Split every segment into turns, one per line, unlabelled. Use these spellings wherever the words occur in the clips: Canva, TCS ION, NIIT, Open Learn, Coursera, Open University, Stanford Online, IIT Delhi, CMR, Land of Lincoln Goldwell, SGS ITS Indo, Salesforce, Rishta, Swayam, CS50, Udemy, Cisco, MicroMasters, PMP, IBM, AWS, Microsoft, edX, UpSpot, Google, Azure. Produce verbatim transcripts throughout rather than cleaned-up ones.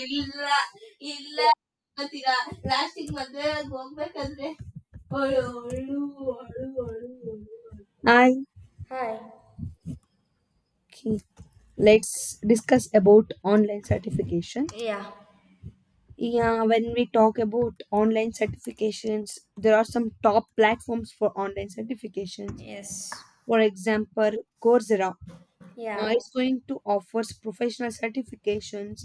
ಇಲ್ಲ ಇಲ್ಲ ಅಂತೀರಾ ಲಾಸ್ಟಿಗೆ ಮದ್ವೆ ಹೋಗ್ಬೇಕಂದ್ರೆ ಅಳು ಅಳು ಅಳು ಅಳು ಅಳು. Hi.
Hi.
Okay. Let's discuss about online certification.
Yeah.
Yeah, when we talk about online certifications, there are some top platforms for online certifications.
Yes.
For example, Coursera
Yeah.
uh, is going to offer professional certifications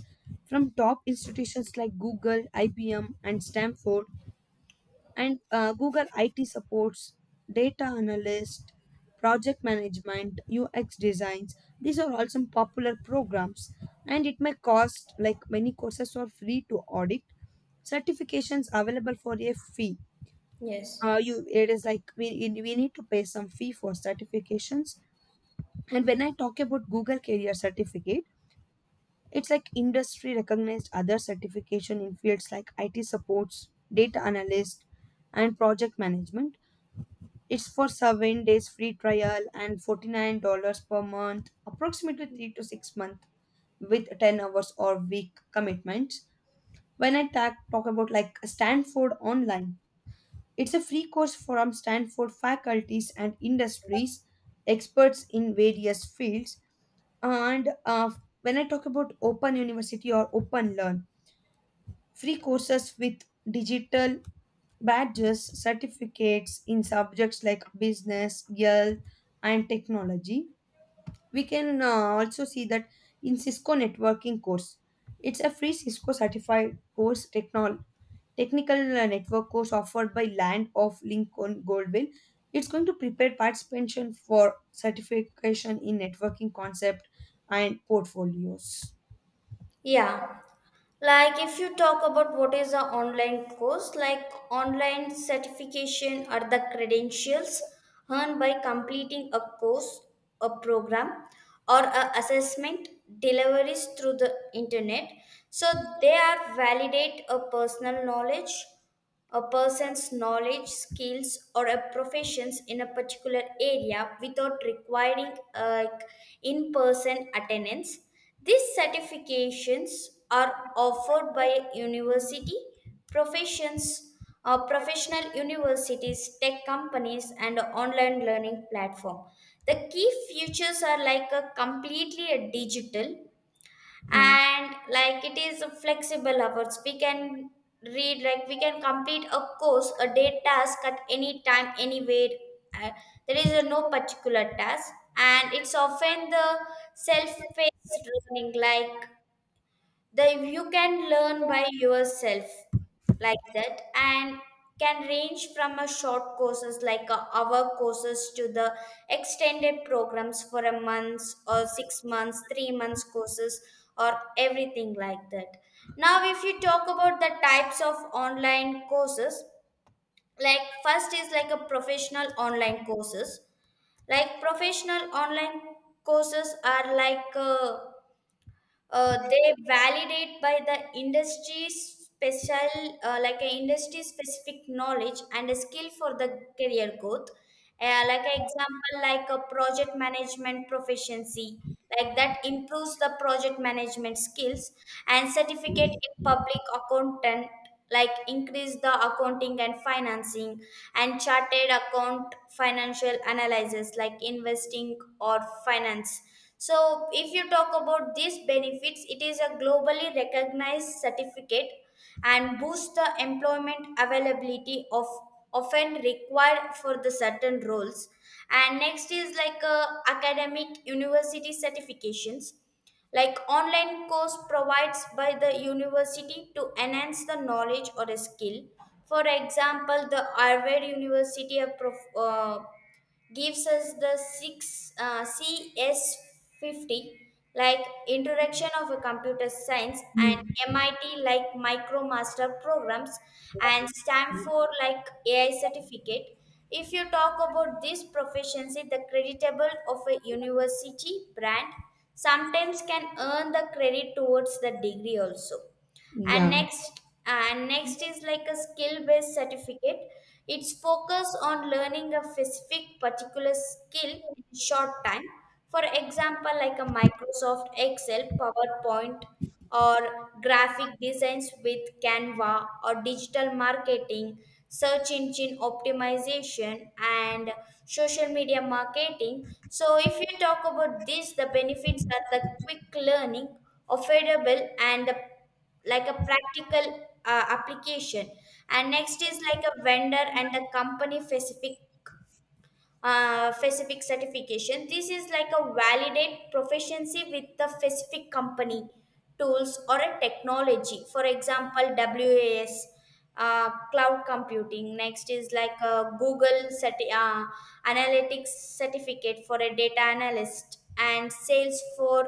from top institutions like Google, I B M, and Stanford. And uh, google it supports data analyst, project management, ux designs, these are all some popular programs, and it may cost like many courses are free to audit, certifications available for a fee.
Yes.
Uh, you it is like we, we need to pay some fee for certifications. And when I talk about google career certificate, it's like industry recognized other certification in fields like it supports data analyst and project management. It's for seven days free trial and forty-nine dollars per month, approximately three to six months with ten hours or week commitments. When I ta- talk about like Stanford Online, it's a free course from Stanford faculties and industries, experts in various fields. And uh, when I talk about Open University or Open Learn, free courses with digital badges, certificates in subjects like business, health, and technology. We can uh, also see that in Cisco networking course. It's a free Cisco certified course, technol- technical uh, network course offered by Land of Lincoln Goldwell. It's going to prepare participation for certification in networking concept and portfolios.
Yeah. Like if you talk about what is a online course, like online certification are the credentials earned by completing a course, a program, or a assessment deliveries through the internet. So they are validate a personal knowledge a person's knowledge, skills, or a professions in a particular area without requiring a in-person attendance. These certifications are offered by university, professions, uh, professional universities, tech companies, and online learning platform. The key features are like a completely a digital,
Yeah.
and like it is a flexible hours, we can read, like we can complete a course a day task at any time anywhere. Uh, there is a no particular task, and it's often the self-paced learning, like the you can learn by yourself like that, and can range from a short courses like a hour courses to the extended programs for a month or six months three months courses or everything like that. Now if you talk about the types of online courses, like first is like a professional online courses. Like professional online courses are like uh, uh, they validate by the industry special, uh, like a industry specific knowledge and a skill for the career growth. Uh, like an example, like a project management proficiency, like that improves the project management skills, and certificate in public accountant, like increase the accounting and financing, and chartered account financial analysis, like investing or finance. So if you talk about these benefits, it is a globally recognized certificate and boosts the employment availability of often required for the certain roles. And next is like uh, academic university certifications, like online course provides by the university to enhance the knowledge or a skill. For example, the Harvard university have prof- uh, gives us the six uh, C S fifty, like introduction of a computer science, and
Mm.
M I T like MicroMaster programs, and Stanford like A I certificate. If you talk about this proficiency, the creditable of a university brand sometimes can earn the credit towards the degree also. and
Yeah,
next and next is like a skill based certificate. It's focus on learning a specific particular skill in short time. For example, like a Microsoft Excel PowerPoint, or graphic designs with Canva, or digital marketing, search engine optimization, and social media marketing. So if you talk about this, the benefits are the quick learning, affordable, and the like a practical uh, application. And next is like a vendor and the company specific, uh, specific certification. This is like a validate proficiency with the specific company tools or a technology. For example, was uh, cloud computing. Next is like a google certi- uh, analytics certificate for a data analyst, and Salesforce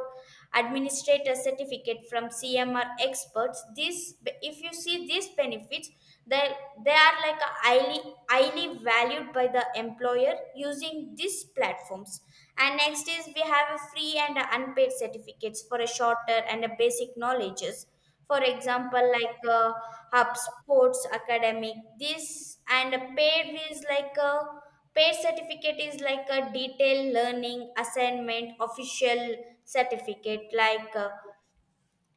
administrator certificate from C M R experts. This, if you see these benefits, they, they are like a highly highly valued by the employer using these platforms. And next is we have a free and a unpaid certificates for a shorter and a basic knowledges. For example, like uh, hub sports academic. This, and a paid is like a paid certificate, is like a detailed learning assignment, official certificate, like uh,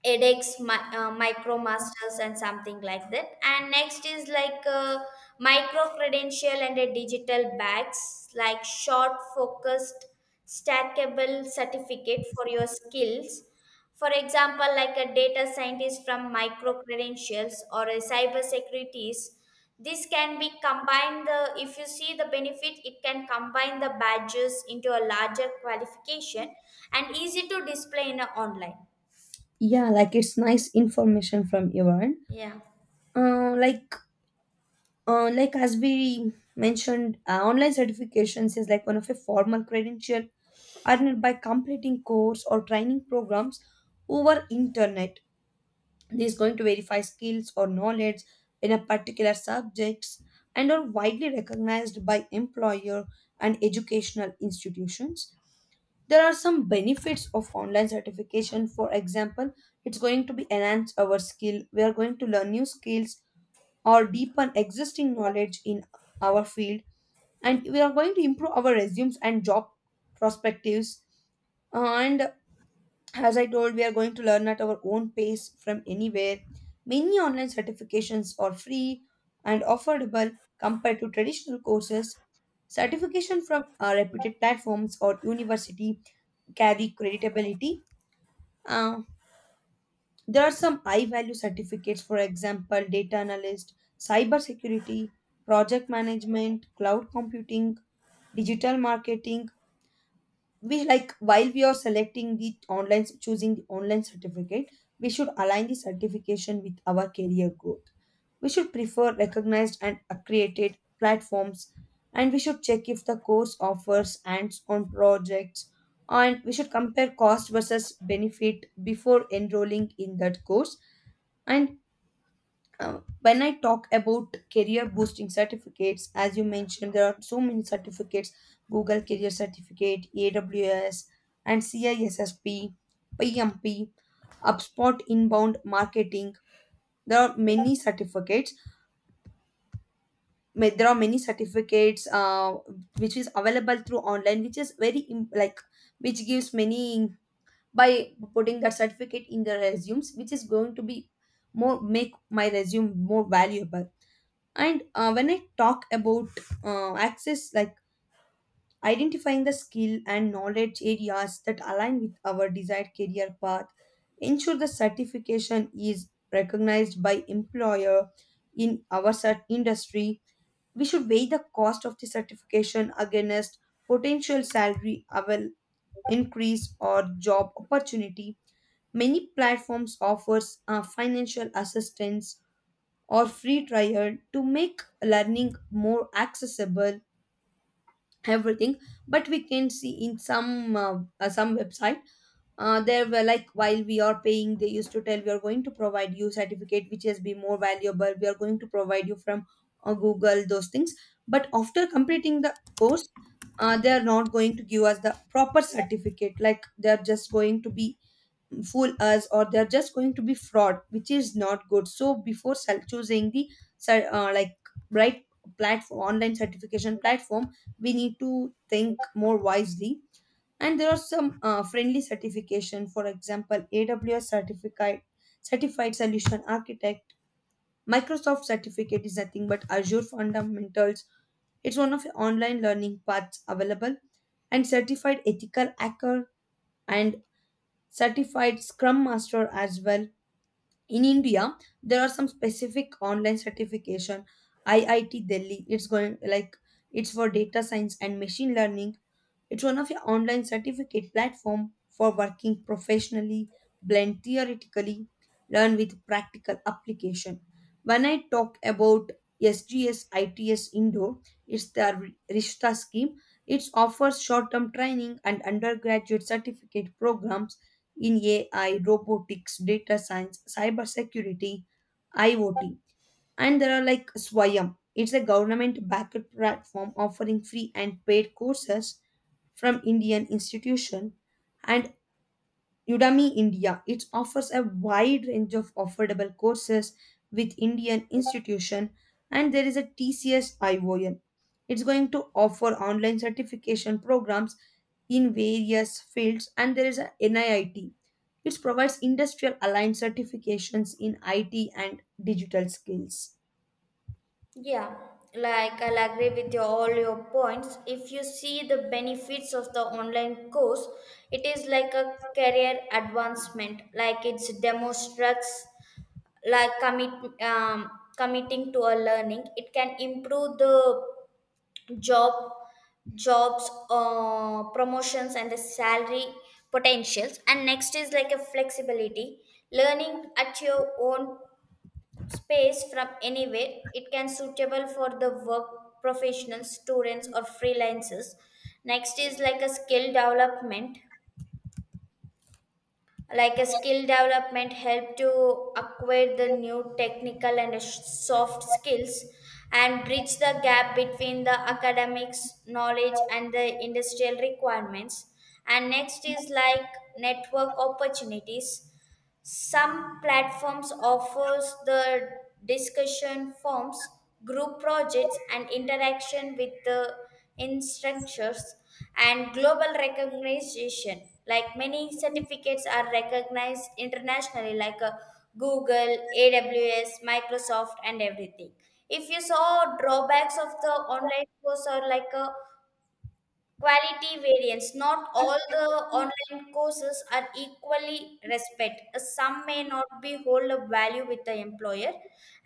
edX, my uh, MicroMasters, and something like that. And next is like uh, micro credential and a digital bags, like short, focused, stackable certificate for your skills. For example, like a data scientist from micro credentials or a cyber securities. This can be combined. The If you see the benefit, it can combine the badges into a larger qualification and easy to display in a online.
yeah, like it's nice information from your end.
Yeah.
Uh, like uh, like as we mentioned uh, online certifications is like one of a formal credential earned by completing course or training programs over internet. This is going to verify skills or knowledge in a particular subjects, and are widely recognized by employer and educational institutions. There are some benefits of online certification, for example, it's going to be enhance our skill, we are going to learn new skills or deepen existing knowledge in our field, and we are going to improve our resumes and job perspectives. And as I told, we are going to learn at our own pace from anywhere. Many online certifications are free and affordable compared to traditional courses. Certification from uh, reputed platforms or university carry credibility. There are some high value certificates, for example, data analyst, cyber security, project management, cloud computing, digital marketing. We like while we are selecting the online, choosing the online certificate, we should align the certification with our career goal. We should prefer recognized and accredited platforms, and we should check if the course offers hands on projects, and we should compare cost versus benefit before enrolling in that course. And uh, when I talk about career boosting certificates, as you mentioned, there are so many certificates: Google Career Certificate, A W S, and C I S S P, P M P, UpSpot Inbound Marketing. There are many certificates ma- there are many certificates uh, which is available through online which is very im- like which gives many, by putting that certificate in the resumes, which is going to be more make my resume more valuable. And uh, when I talk about uh, access, like identifying the skill and knowledge areas that align with our desired career path, ensure the certification is recognized by employer in our cert- industry. We should weigh the cost of the certification against potential salary avail- increase or job opportunity. Many platforms offers uh, financial assistance or free trial to make learning more accessible, everything. But we can see in some uh, uh, some website, uh, there were like while we are paying they used to tell we are going to provide you certificate which has been more valuable, we are going to provide you from uh, google those things. But after completing the course, uh, they are not going to give us the proper certificate, like they are just going to be fool us or they are just going to be fraud, which is not good. So before sel- choosing the cer- uh, like right platform, online certification platform, we need to think more wisely. And there are some uh, friendly certification, for example aws certificate, certified solution architect. Microsoft certificate is nothing but azure fundamentals, it's one of the online learning paths available, and certified ethical hacker, and certified scrum master as well. In india there are some specific online certification. I I T Delhi, it's going like it's for data science and machine learning, it's one of your online certificate platform for working professionally, blend theoretically, learn with practical application. When I talk about S G S I T S Indo, it's the Rishta scheme. It offers short-term training and undergraduate certificate programs in A I, robotics, data science, cybersecurity, IoT. And there are like Swayam. It's a government backed platform offering free and paid courses from Indian institution. And Udemy India, it offers a wide range of affordable courses with Indian institution. And there is a T C S ION. It's going to offer online certification programs in various fields. And there is a N I I T. It provides industrial aligned certifications in I T and digital skills.
Yeah, like I'll agree with your, all your points. If you see the benefits of the online course, it is like a career advancement. Like it demonstrates, like commit, um, committing to a learning. It can improve the job jobs, uh, promotions, and the salary potentials. And next is like a flexibility, learning at your own space from anywhere. It can suitable for the work professionals, students, or freelancers. Next is like a skill development. Like a skill development help to acquire the new technical and sh- soft skills, and bridge the gap between the academics knowledge and the industrial requirements. And next is like network opportunities. Some platforms offers the discussion forums, group projects, and interaction with the instructors, and global recognition. Like many certificates are recognized internationally, like uh, Google, A W S, Microsoft, and everything. If you saw drawbacks of the online course, or like a quality variance. Not all the online courses are equally respect. Some may not be hold a value with the employer.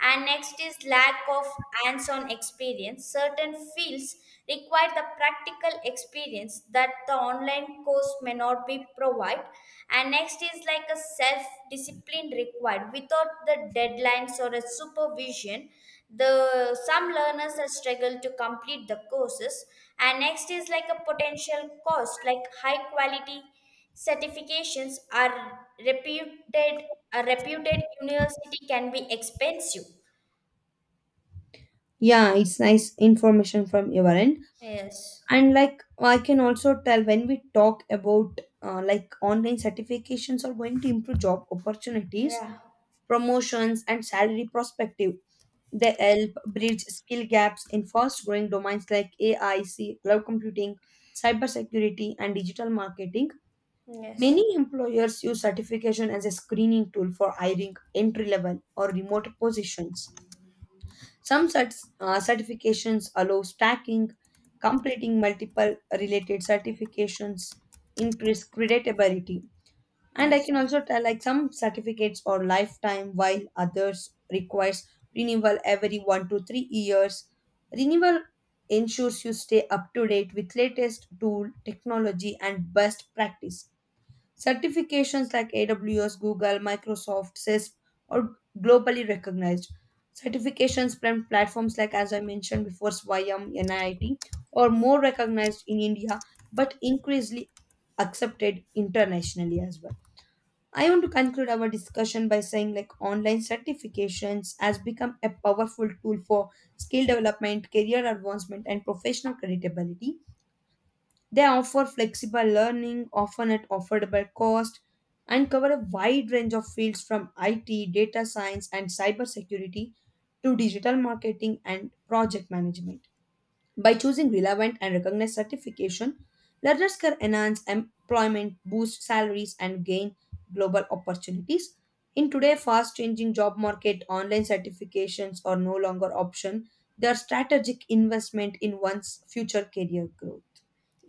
And next is lack of hands-on experience. Certain fields require the practical experience that the online course may not be provide. And next is like a self-discipline required. Without the deadlines or a supervision, the some learners have struggled to complete the courses. And next is like a potential cost, like high quality certifications are reputed a reputed university can be expensive.
Yeah, it's nice information from your end.
Yes.
And like I can also tell when we talk about uh, like online certifications are going to improve job opportunities,
Yeah.
promotions, and salary prospective. They help bridge skill gaps in fast growing domains like A I C, cloud computing, cybersecurity, and digital marketing.
Yes.
Many employers use certification as a screening tool for hiring entry level or remote positions. Some certs, uh, certifications allow stacking, completing multiple related certifications increase creditability. And I
Yes.
can also tell like some certificates are lifetime while others requires renewal every one to three years. Renewal ensures you stay up to date with latest tool, technology and best practice. Certifications like A W S, Google, Microsoft, C I S P are globally recognized. Certifications from platforms like, as I mentioned before, Swayam, N I I T, are more recognized in India but increasingly accepted internationally as well. I want to conclude our discussion by saying like online certifications has become a powerful tool for skill development, career advancement, and professional credibility. They offer flexible learning, often at affordable cost, and cover a wide range of fields from I T, data science, and cybersecurity to digital marketing and project management. By choosing relevant and recognized certification, learners can enhance employment, boost salaries, and gain global opportunities. In today's fast changing job market, online certifications are no longer option. They are strategic investment in one's future career growth.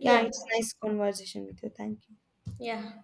Yeah, it's a nice conversation with you. Thank you.
Yeah.